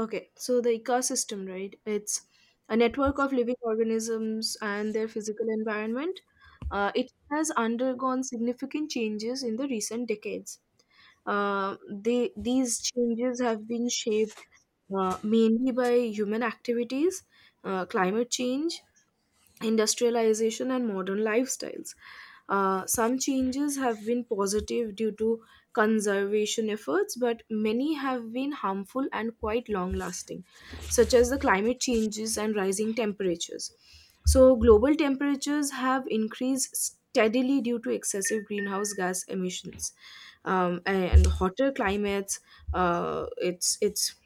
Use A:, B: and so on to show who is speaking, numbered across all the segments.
A: Okay, so the ecosystem, right? It's a network of living organisms and their physical environment. It has undergone significant changes in the recent decades. These changes have been shaped mainly by human activities, climate change, industrialization and modern lifestyles. Some changes have been positive due to conservation efforts, but many have been harmful and quite long lasting, such as the climate changes and rising temperatures. So, global temperatures have increased steadily due to excessive greenhouse gas emissions. And hotter climates, it's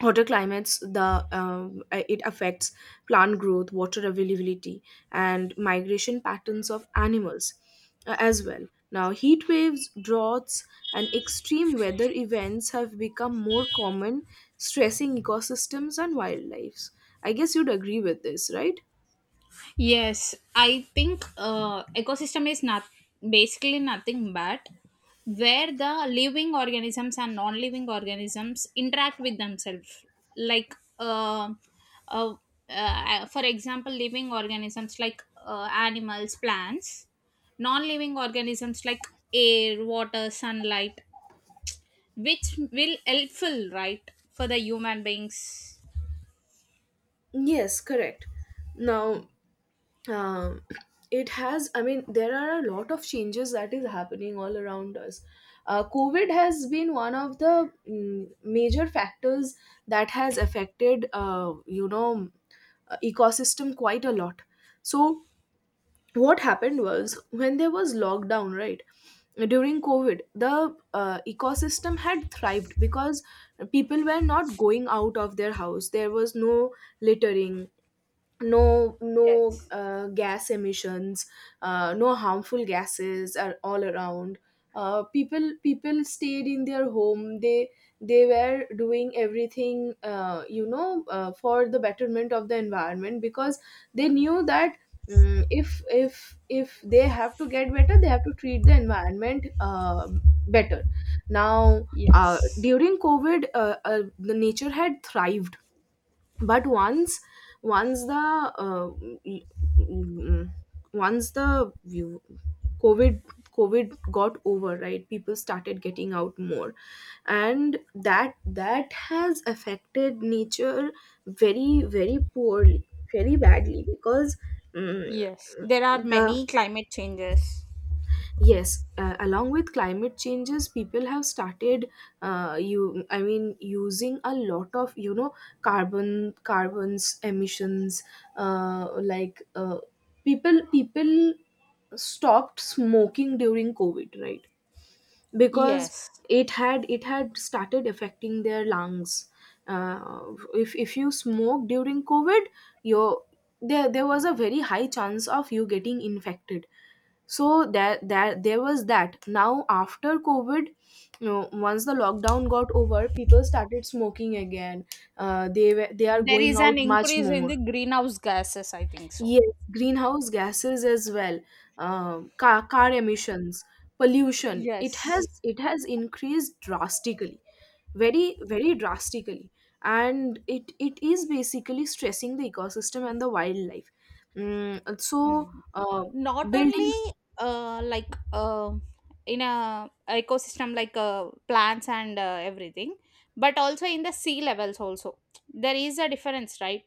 A: Hotter climates, the it affects plant growth, water availability and migration patterns of animals, as well. Now, heat waves, droughts and extreme weather events have become more common, stressing ecosystems and wildlife. I guess you'd agree with this, right?
B: Yes, I think ecosystem is not basically nothing but where the living organisms and non-living organisms interact with themselves. Like, uh, uh, for example, living organisms like animals, plants, non-living organisms like air, water, sunlight, which will helpful, right, for the human beings.
A: Yes, correct. Now, um, it has I mean there are a lot of changes that is happening all around us. COVID has been one of the major factors that has affected, ecosystem quite a lot. So, what happened was, when there was lockdown, right, during COVID, the ecosystem had thrived because people were not going out of their house. There was no littering, no gas emissions, no harmful gases are all around. People stayed in their home. They were doing everything, for the betterment of the environment, because they knew that, if they have to get better, they have to treat the environment better. Now, during COVID, the nature had thrived. But once uh, mm, mm, once the view covid COVID got over, right, people started getting out more. And that has affected nature very, very poorly, very badly, because mm, the yes, along with climate changes, people have started, you I mean, using a lot of, carbon carbons emissions, uh, like uh, people stopped smoking during COVID, right? Because
B: Yes.
A: it had started affecting their lungs. Uh, if you smoke during COVID, your there was a very high chance of you getting infected. So that that there was that now, after COVID, once the lockdown got over, people started smoking again. They are
B: There
A: going
B: is an
A: out much
B: increase in the
A: more.
B: greenhouse gases, I think so.
A: Yes, greenhouse gases as well. Car emissions, pollution, it
B: Yes.
A: has it has increased drastically, very, very drastically. And it is basically stressing the ecosystem and the wildlife. Mm, so
B: Mm.
A: uh,
B: Not only
A: Buildings.
B: uh, like uh, in a ecosystem like plants and everything, but also in the sea levels also there is a difference, right?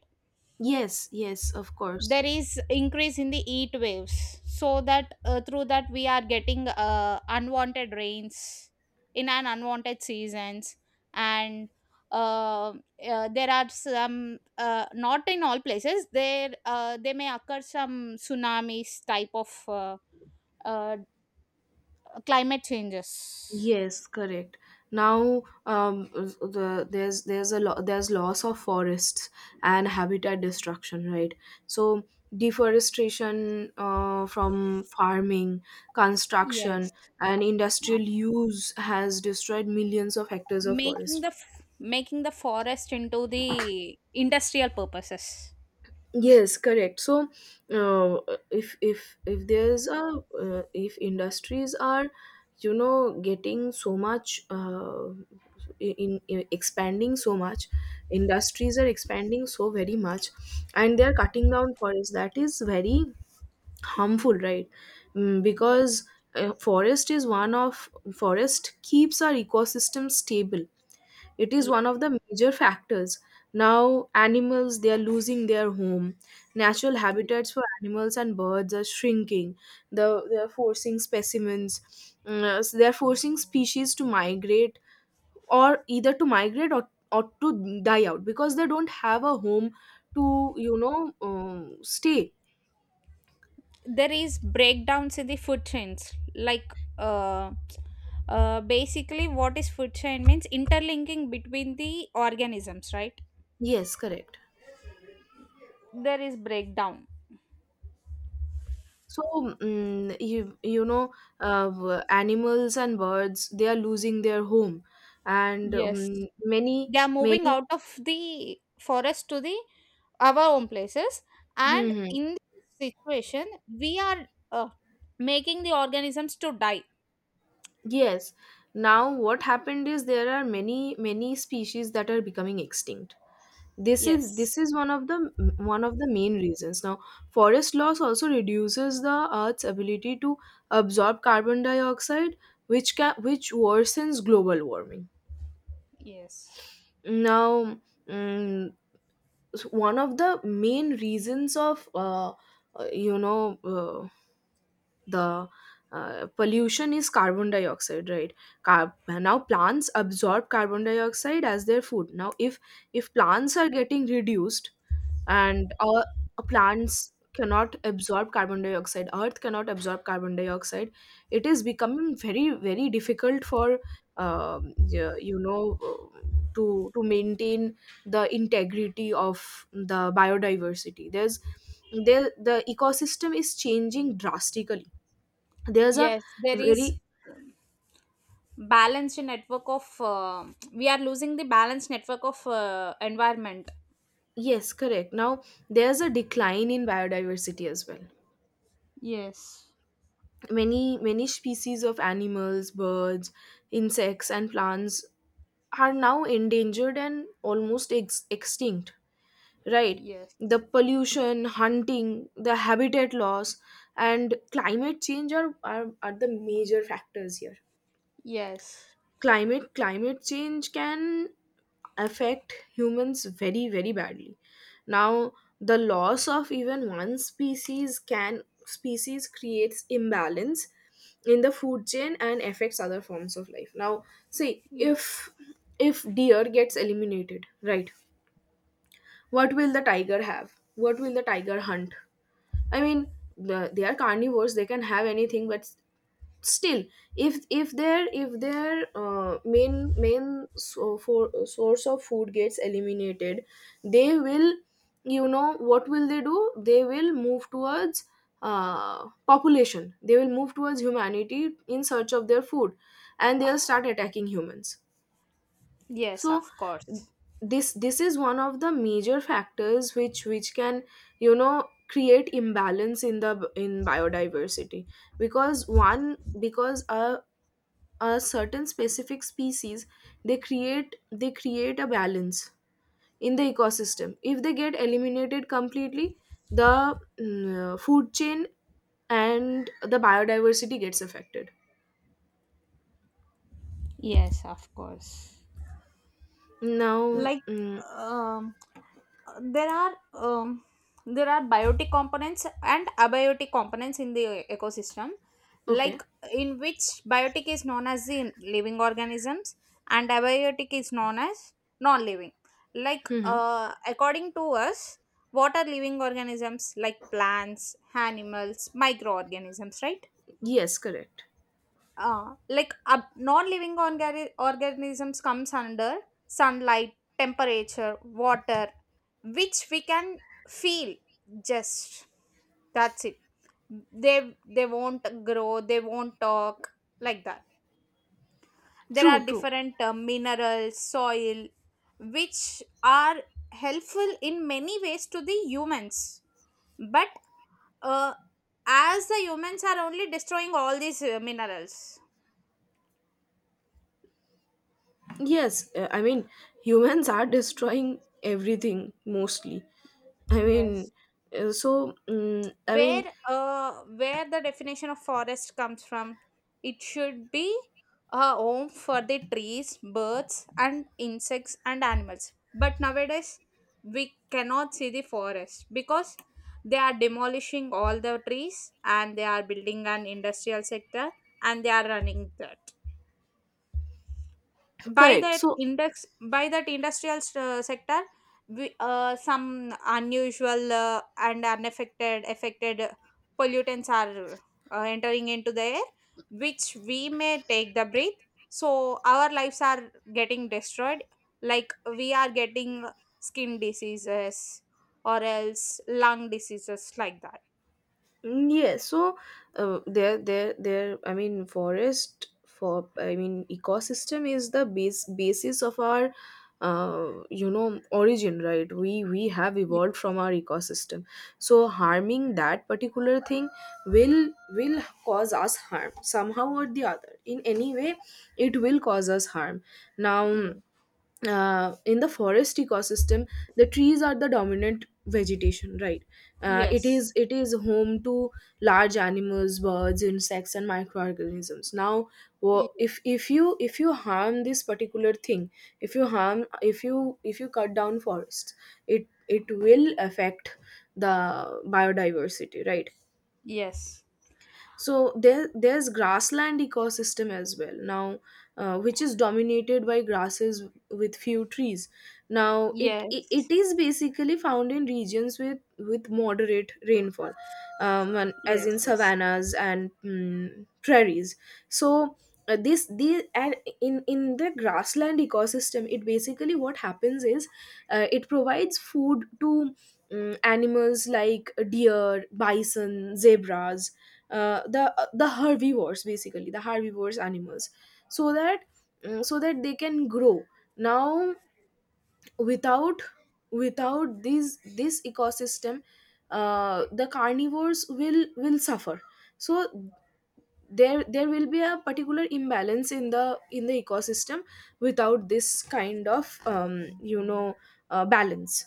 A: Yes, yes, of course.
B: There is increase in the heat waves, so that through that we are getting unwanted rains in an unwanted seasons, and uh, there are some not in all places, there they may occur some tsunamis type of uh, climate changes.
A: Yes, correct. Now, the there's a lo there's loss of forests and habitat destruction, right? So, deforestation, from farming, construction,
B: Yes.
A: and
B: Uh,
A: industrial use has destroyed millions of hectares of
B: making
A: forest.
B: the f- making the forest into the industrial purposes.
A: Yes, correct. So, uh, if there's a, if industries are, getting so much, in expanding so much, industries are expanding so very much, and they are cutting down forests. That is very harmful, right?
B: Yes,
A: Because, forest is one of forest keeps our ecosystem stable. It is one of the major factors. Now, animals, they are losing their home. Natural habitats for animals and birds are shrinking. They are forcing specimens. So they are forcing species to migrate, or either to migrate, or to die out, because they don't have a home to, stay.
B: there is breakdowns in the food chains. Like basically, what is food chain means? Interlinking between the organisms, right?
A: Yes, correct.
B: There is breakdown.
A: So, mm you you know animals and birds, they are losing their home, and
B: Yes,
A: many,
B: they are moving
A: many.
B: out of the forest to the our own places, and
A: hmm hmm,
B: in this situation we are making the organisms to die.
A: yes. Now, what happened is there are many, many species that are becoming extinct. This is this
B: Yes,
A: is one of the, main reasons. Now, forest loss also reduces the Earth's ability to absorb carbon dioxide, which can which worsens global warming.
B: yes,
A: Now. mm One of the main reasons of, you know the pollution is carbon dioxide, right? Now, plants absorb carbon dioxide as their food. Now, if plants are getting reduced, and our plants cannot absorb carbon dioxide, earth cannot absorb carbon dioxide, it is becoming very, very difficult for, um, yeah, you know uh, to maintain the integrity of the biodiversity. The ecosystem is changing drastically. There's a
B: yes. There is
A: very
B: balanced network of we are losing the balanced network of environment.
A: Yes, correct. Now, there's a decline in biodiversity as well.
B: Yes.
A: Many, many species of animals, birds, insects and plants are now endangered and almost extinct, right?
B: Yes,
A: The pollution, hunting, the habitat loss and climate change are the major factors here.
B: yes.
A: Climate change can affect humans very, very badly. Now, the loss of even one species, can species creates imbalance in the food chain and affects other forms of life. Now, see, if
B: Yes.
A: if deer gets eliminated, right, what will the tiger have? What will the tiger hunt? I mean, they are carnivores, they can have anything, but still, if their main main so for source of food gets eliminated, they will, what will they do? They will move towards, population they will move towards humanity in search of their food, and they'll start attacking humans.
B: Yes,
A: So,
B: of course.
A: this is one of the major factors which, can, create imbalance in the, in biodiversity. Because, one because a certain specific species, they create, a balance in the ecosystem. If they get eliminated completely, the food chain and the biodiversity gets affected. Now,
B: Like, um, there are um, there are biotic components and abiotic components in the ecosystem,
A: okay.
B: like, in which biotic is known as the living organisms, and abiotic is known as non-living, like
A: hmm
B: according to us. What are living organisms? Like plants, animals, microorganisms, right?
A: yes, correct.
B: Non-living organisms comes under sunlight, temperature, water, which we can feel, just, that's it. They won't grow, they won't talk, like that. There are
A: True, true.
B: different minerals, soil, which are helpful in many ways to the humans. But uh, as the humans are only destroying all these minerals.
A: Yes, I mean humans are destroying everything mostly. I mean,
B: Yes,
A: I mean,
B: where where the definition of forest comes from, it should be a home for the trees, birds and insects and animals, but nowadays we cannot see the forest because they are demolishing all the trees and they are building an industrial sector, and they are running
A: correct. So,
B: by that industrial sector. We, some unusual and unaffected affected pollutants are entering into the air, which we may take the breath, so our lives are getting destroyed. Like we are getting skin diseases or else lung diseases, like that.
A: Yes. So, there, there, there. I mean, forest for, ecosystem is the base basis of our, origin, right? We have
B: Yeah,
A: evolved from our ecosystem. So, harming that particular thing will cause us harm somehow or the other. In any way, it will cause us harm. Now,
B: yeah.
A: in the forest ecosystem, the trees are the dominant vegetation, right? uh, it
B: Yes.
A: is it is home to large animals, birds, insects and microorganisms. Now,
B: Ye-
A: if you harm this particular thing, if you harm if you cut down forests, it will affect the biodiversity, right?
B: yes.
A: So, there's grassland ecosystem as well. Now, which is dominated by grasses with few trees. Now, it, it
B: Yes,
A: it is basically found in regions with, moderate rainfall, as in
B: yes, yes,
A: savannas and, prairies. So, this these and in the grassland ecosystem, it basically what happens is, it provides food to, animals like deer, bison, zebras, the herbivores, basically the herbivores animals, so that, so that they can grow. Now, without, this ecosystem, the carnivores will suffer. So, there will be a particular imbalance in the, in the ecosystem, without this kind of, balance.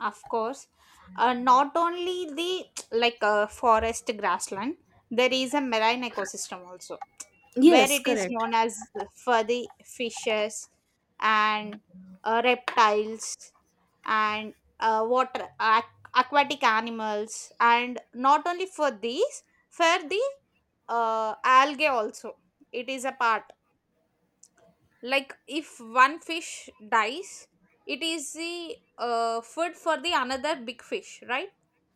B: Of course. Not only the forest, grassland, there is a marine ecosystem also, where
A: Yes,
B: it is
A: correct.
B: known as for the fishes, and reptiles, and aquatic animals, and not only for these, for the algae also, it is a part. Like if one fish dies, it is the food for the another big fish, right?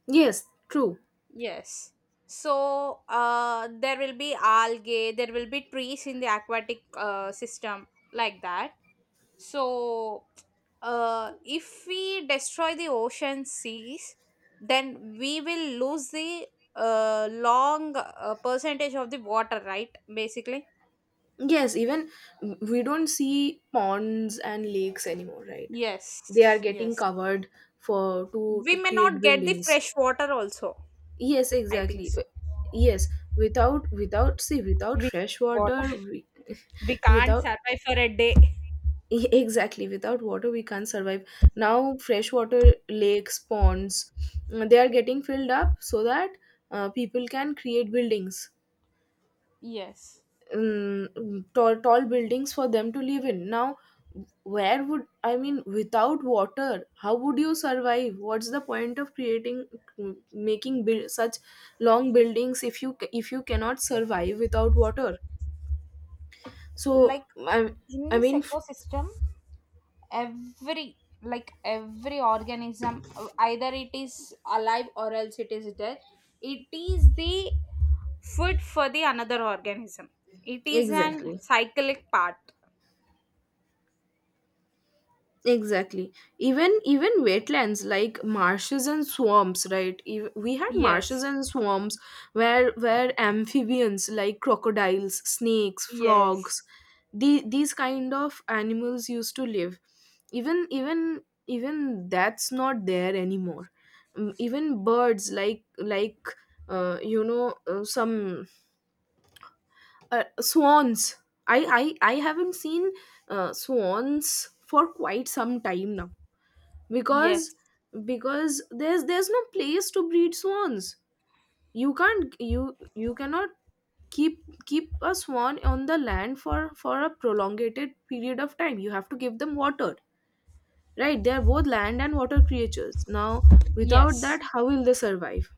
A: Yes, true.
B: Yes. So there will be algae, there will be trees in the aquatic system, like that. So if we destroy the ocean, seas, then we will lose the long percentage of the water, right? Basically.
A: Yes, even we don't see ponds and lakes anymore, right? They are
B: Yes.
A: getting
B: Yes.
A: covered for to
B: We
A: to
B: may
A: create
B: not get the
A: buildings.
B: fresh water also.
A: Yes,
B: I think
A: exactly.
B: so.
A: Yes, without
B: We
A: fresh
B: water.
A: water,
B: We can't
A: without
B: survive for a day.
A: e- exactly, without water we can't survive. Now, freshwater lakes, ponds, they are getting filled up so that people can create buildings.
B: Yes.
A: Tall, tall buildings for them to live in. Now, where would, I mean, without water, how would you survive? What's the point of creating, making build such long buildings, if you cannot survive without water? So,
B: Like,
A: i,
B: in
A: I
B: this
A: mean,
B: ecosystem, every, like every organism, either it is alive or else it is dead, it is the food for the another organism. It is an
A: exactly.
B: cyclic part.
A: Exactly. Even wetlands like marshes and swamps, right? We had
B: Yes,
A: marshes and swamps where, amphibians like crocodiles, snakes,
B: yes,
A: frogs, these kind of animals used to live. Even that's not there anymore. Even birds like some swans. I haven't seen swans for quite some time now because
B: yes,
A: because there's no place to breed swans. You can't you you cannot keep keep a swan on the land for a prolongated period of time. You have to give them water, right? They are both land and water creatures. Now without
B: yes.
A: that, how will they survive?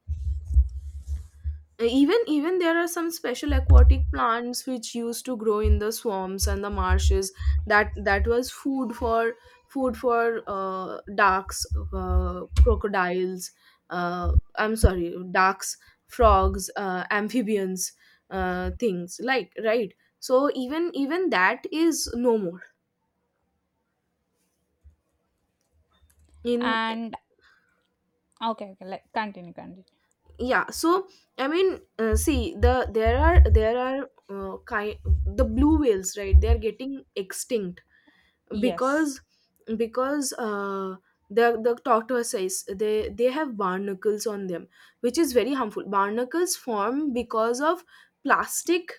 A: Even there are some special aquatic plants which used to grow in the swamps and the marshes. That was food for ducks, crocodiles, I'm sorry, ducks, frogs, amphibians, things like, right? So even that is no more in.
B: And okay, okay, like, continue, continue.
A: Yeah, so see, the there are kind the blue whales, right? They are getting extinct
B: Yes,
A: because because uh, the tortoises, they have barnacles on them, which is very harmful. Barnacles form because of plastic.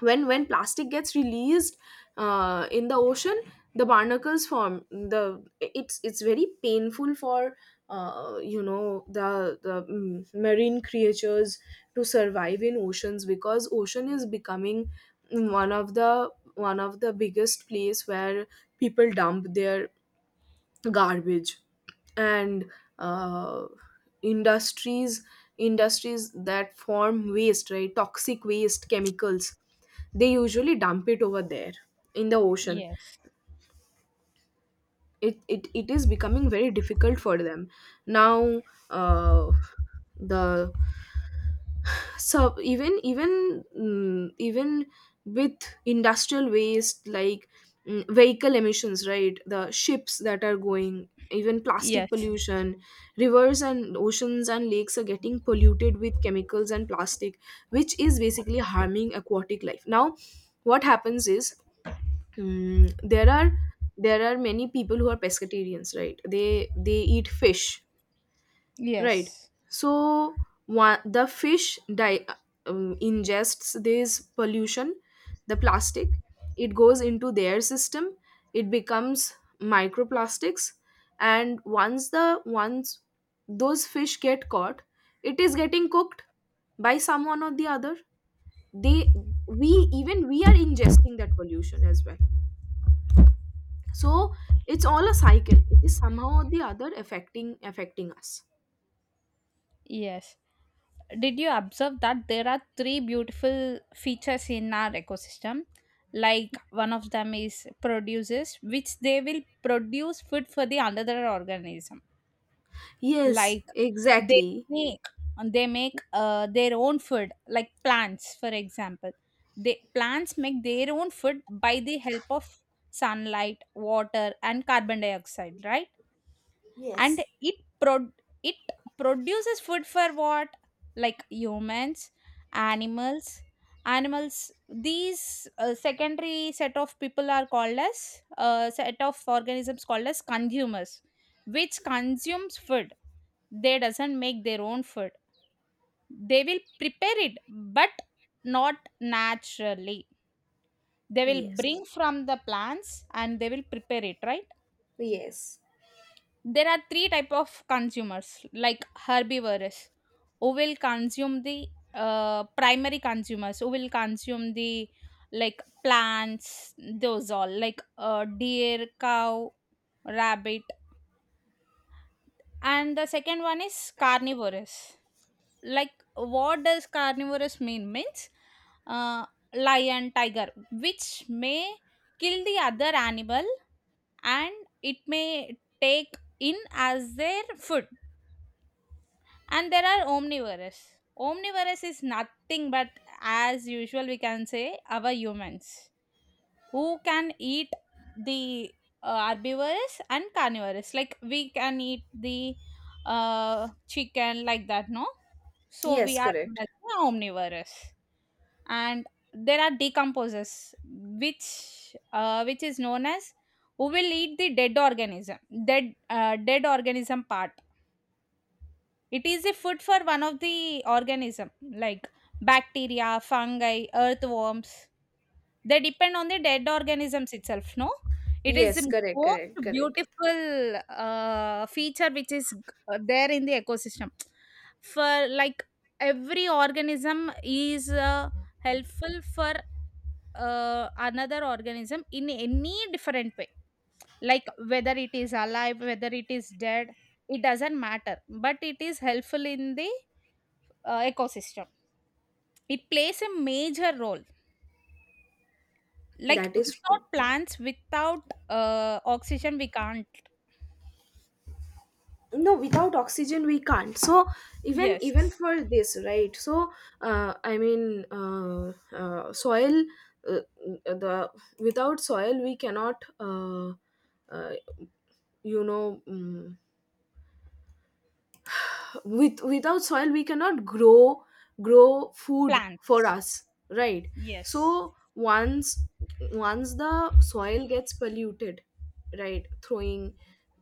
A: When plastic gets released in the ocean, the barnacles form the— it's very painful for the marine creatures to survive in oceans, because ocean is becoming one of the biggest place where people dump their garbage. And uh, industries industries that form waste, right? Toxic waste, chemicals, they usually dump it over there, in the ocean.
B: yes,
A: It is becoming very difficult for them now. Uh, the so even with industrial waste like vehicle emissions, right? The ships that are going, even plastic
B: yes,
A: pollution. Rivers and oceans and lakes are getting polluted with chemicals and plastic, which is basically harming aquatic life. Now what happens is, mm, there are there are many people who are pescatarians, right? They eat fish. Right.
B: yes,
A: So one, the fish ingests this pollution, the plastic. It goes into their system. It becomes microplastics, and once those fish get caught, it is getting cooked by someone or the other. They we even we are ingesting that pollution as well. So it's all a cycle. It is somehow or the other affecting us.
B: yes. Did you observe that there are three beautiful features in our ecosystem? Like, one of them is produces, which they will produce food for the another organism.
A: Yes,
B: Like they
A: exactly.
B: make they make their own food, like plants, for example. They plants make their own food by the help of sunlight, water and carbon dioxide, right?
A: Yes.
B: And it pro it produces food for what? Like humans, animals animals. These secondary set of people are called as set of organisms called as consumers, which consumes food. They doesn't make their own food, they will prepare it, but not naturally. They will
A: Yes.
B: bring from the plants and they will prepare it, right?
A: Yes.
B: There are three type of consumers, like herbivorous, who will consume the primary consumers who will consume the, like, plants. Those all like deer, cow, rabbit. And the second one is carnivorous. Like, what does carnivorous mean means? uh, lion, tiger, which may kill the other animal and it may take in as their food. And there are omnivorous. Omnivorous is nothing but, as usual, we can say, our humans, who can eat the herbivorous and carnivorous. Like we can eat the chicken, like that, no? So we
A: Yes,
B: are,
A: correct.
B: like, omnivorous. And there are decomposers, which is known as, who will eat the dead organism, dead dead organism part. It is a food for one of the organism, like bacteria, fungi, earthworms. They depend on the dead organisms itself, no? It is the
A: Yes, correct, correct,
B: most
A: correct.
B: beautiful feature which is there in the ecosystem. For, like, every organism is helpful for another organism in any different way, like whether it is alive, whether it is dead, it doesn't matter, but it is helpful in the ecosystem. It plays a major role. Like,
A: That is true.
B: without plants, without, oxygen, we can't.
A: No, without oxygen we can't. So even
B: Yes,
A: even for this, right? So soil. Uh, the without soil we cannot, uh, you know, mm with without soil we cannot grow food for
B: plants.
A: us, right? So once the soil gets polluted, right? Throwing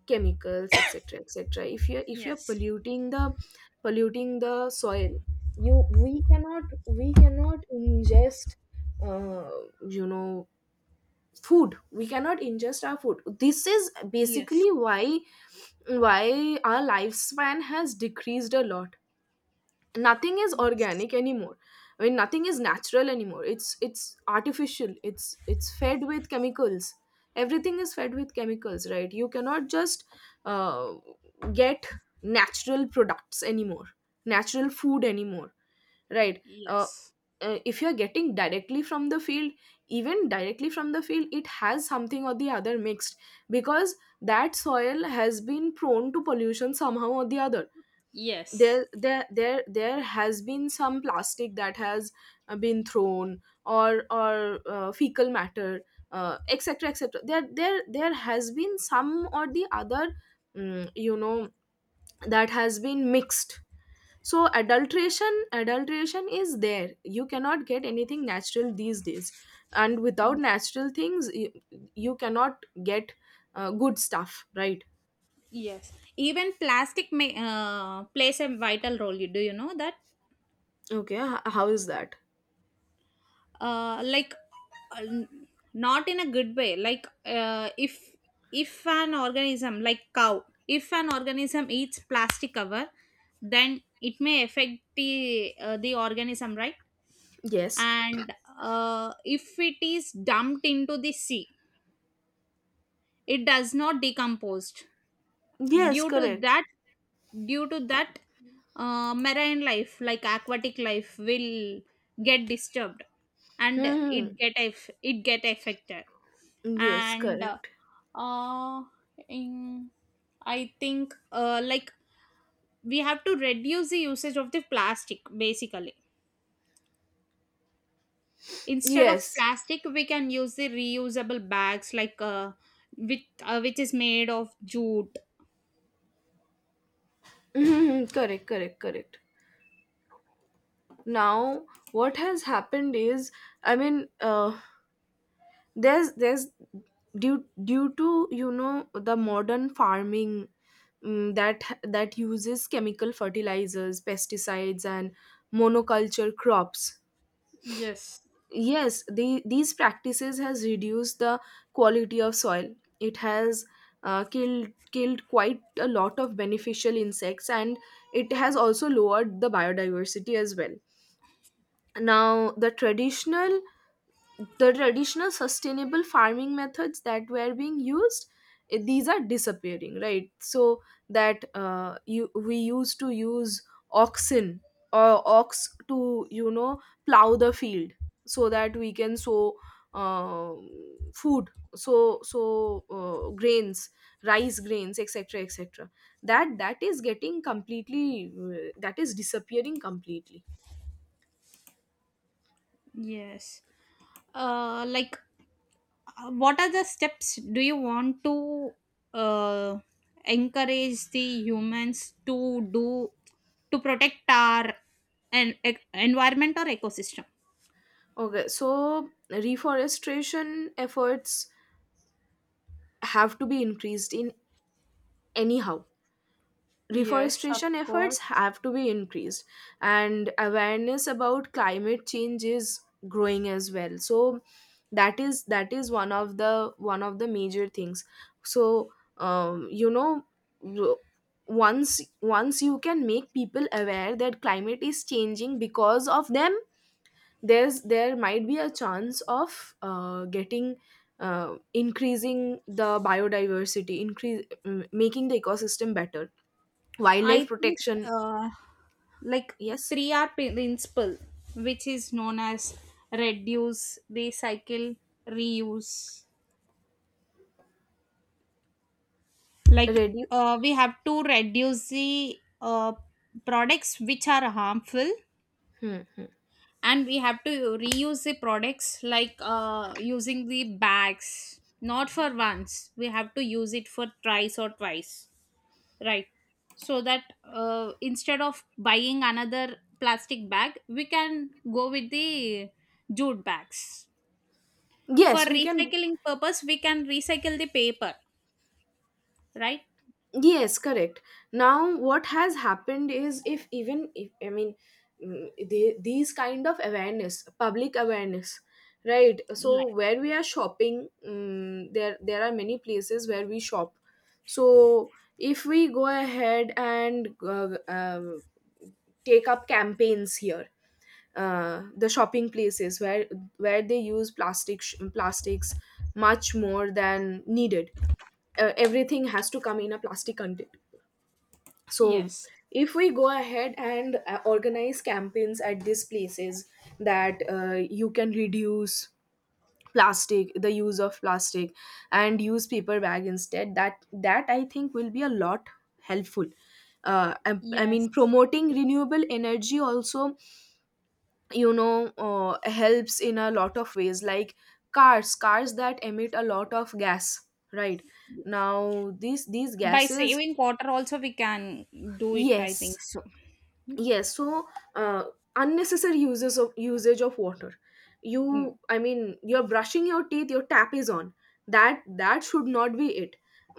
A: chemicals, etc., etc. If you are, if you're polluting the soil, you we cannot, we cannot ingest uh, you know food. We cannot ingest our food. This is basically why our lifespan has decreased a lot. Nothing is organic anymore. I mean, nothing is natural anymore. It's artificial. It's fed with chemicals. Everything is fed with chemicals, right? You cannot just uh, get natural products anymore, natural food anymore, right? If you're getting directly from the field, even directly from the field, it has something or the other mixed, because that soil has been prone to pollution somehow or the other. There has been some plastic that has been thrown, or fecal matter, etc., etc. There has been some or the other, mm, you know that has been mixed. So adulteration is there. You cannot get anything natural these days, and without
B: Yes.
A: natural things, you cannot get good stuff, right?
B: Yes. Even plastic may, plays a vital role. You, do you know that?
A: Okay, how is that?
B: uh, like not in a good way. Like if an organism, like cow, if an organism eats plastic cover, then it may affect the organism, right?
A: Yes.
B: And if it is dumped into the sea, it does not decompose,
A: Yes,
B: due to
A: correct.
B: that, due to that marine life, like aquatic life, will get disturbed and
A: Hmm.
B: it it get affected.
A: Yes,
B: And
A: correct.
B: uh in, I think like, we have to reduce the usage of the plastic, basically. Instead of
A: Yes.
B: plastic we can use the reusable bags, like with which is made of jute.
A: Hmm. Correct, correct, correct. Now, what has happened is, I mean, there's due due to you know the modern farming mm, that that uses chemical fertilizers, pesticides, and monoculture crops. Yes the, these practices has reduced the quality of soil it has killed killed quite a lot of beneficial insects and it has also lowered the biodiversity as well now the traditional sustainable farming methods that were being used eh, these are disappearing right so that you we used to use oxen or ox to you know plow the field so that we can sow uh, food so so grains rice grains etc etc that that is getting completely that is disappearing completely
B: Yes, like. What are the steps do you want to uh, encourage the humans to do, to protect our and environment or ecosystem?
A: okay so reforestation efforts have to be increased in anyhow reforestation efforts have to be increased and awareness about climate change is growing as well so that is one of the major things so you know w- once once you can make people aware that climate is changing because of them there's there might be a chance of getting increasing the biodiversity increase mm, making the ecosystem better
B: I
A: wildlife
B: think
A: protection
B: uh, like
A: yes
B: 3R principle, which is known as reduce, recycle, reuse. Like
A: reduce
B: we have to reduce the uh, products which are harmful,
A: Hmm, hmm.
B: and we have to reuse the products, like using the bags not for once, we have to use it for thrice or twice, right? So that instead of buying another plastic bag, we can go with the jute bags. For
A: yes we can
B: recycling purpose, we can recycle the paper, right?
A: Yes, correct. Now, what has happened is if even if I mean, these kind of awareness, public awareness, right? So where we are shopping, there there are many places where we shop. So if we go ahead and take up campaigns here, the shopping places where they use plastics much more than needed. Everything has to come in a plastic container. So
B: Yes.
A: if we go ahead and organize campaigns at these places, that you can reduce plastic the use of plastic and use paper bag instead, that I think will be a lot helpful. I mean,
B: Yes,
A: promoting renewable energy also, you know, helps in a lot of ways, like cars that emit a lot of gas, right? Now these
B: by
A: gases—
B: saving water also we can do it, I
A: Yes.
B: think so.
A: Yes. So uh, unnecessary uses of usage of water, you
B: Mm.
A: I mean, you're brushing your teeth, your tap is on. That should not be it.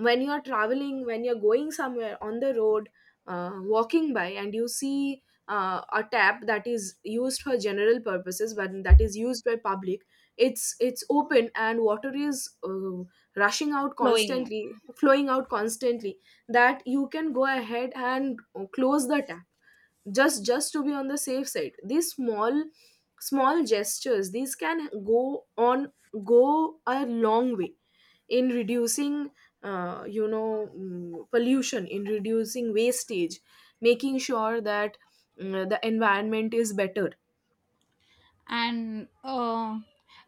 A: When you're traveling, when you're going somewhere on the road, walking by, and you see a tap that is used for general purposes, but that is used by public, it's open and water is rushing out
B: Flowing.
A: constantly, flowing out constantly. That you can go ahead and close the tap. Just to be on the safe side, these small gestures, these can go a long way in reducing pollution, in reducing wastage, making sure that the environment is better.
B: And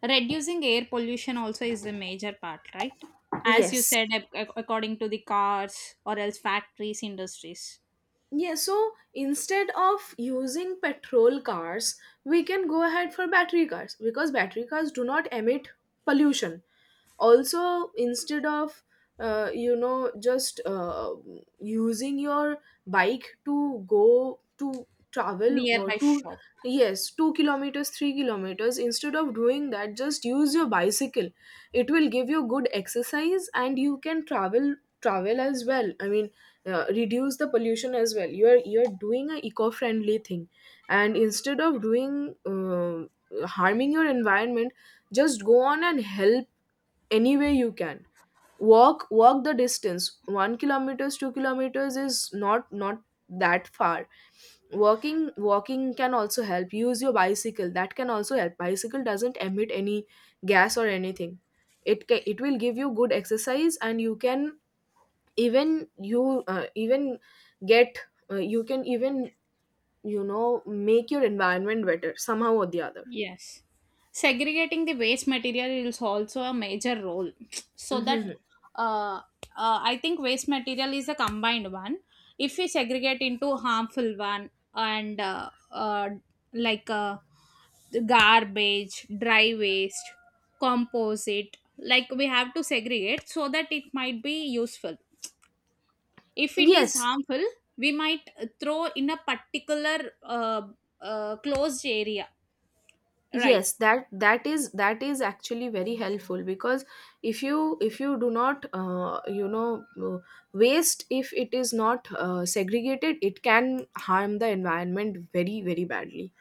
B: reducing air pollution also is a major part, right? As you
A: Yes.
B: said, according to the cars or else factories, industries.
A: Yeah, so instead of using petrol cars, we can go ahead for battery cars, because battery cars do not emit pollution. Also, instead of you know just using your bike to go to travel or
B: Nearby
A: to—
B: shop.
A: Yes. 2 kilometers, 3 kilometers, instead of doing that, just use your bicycle. It will give you good exercise and you can travel as well. I mean, reduce the pollution as well. You are doing an eco-friendly thing, and instead of doing harming your environment, just go on and help any way you can. Walk the distance. 1 kilometers, 2 kilometers is not that far. walking Walking can also help. Use your bicycle, that can also help. Bicycle doesn't emit any gas or anything. It will give you good exercise, and you can even get, you can even, you know, make your environment better somehow or the other.
B: Yes. Segregating the waste material is also a major role. So that
A: Mhm.
B: uh, I think waste material is a combined one. If we segregate into harmful one and like uh, the garbage, dry waste, composite, like we have to segregate so that it might be useful. If it is
A: Yes.
B: harmful, we might throw in a particular closed area, right?
A: Yes, that is that is actually very helpful, because if you do not, you know waste if it is not segregated, it can harm the environment very, very badly.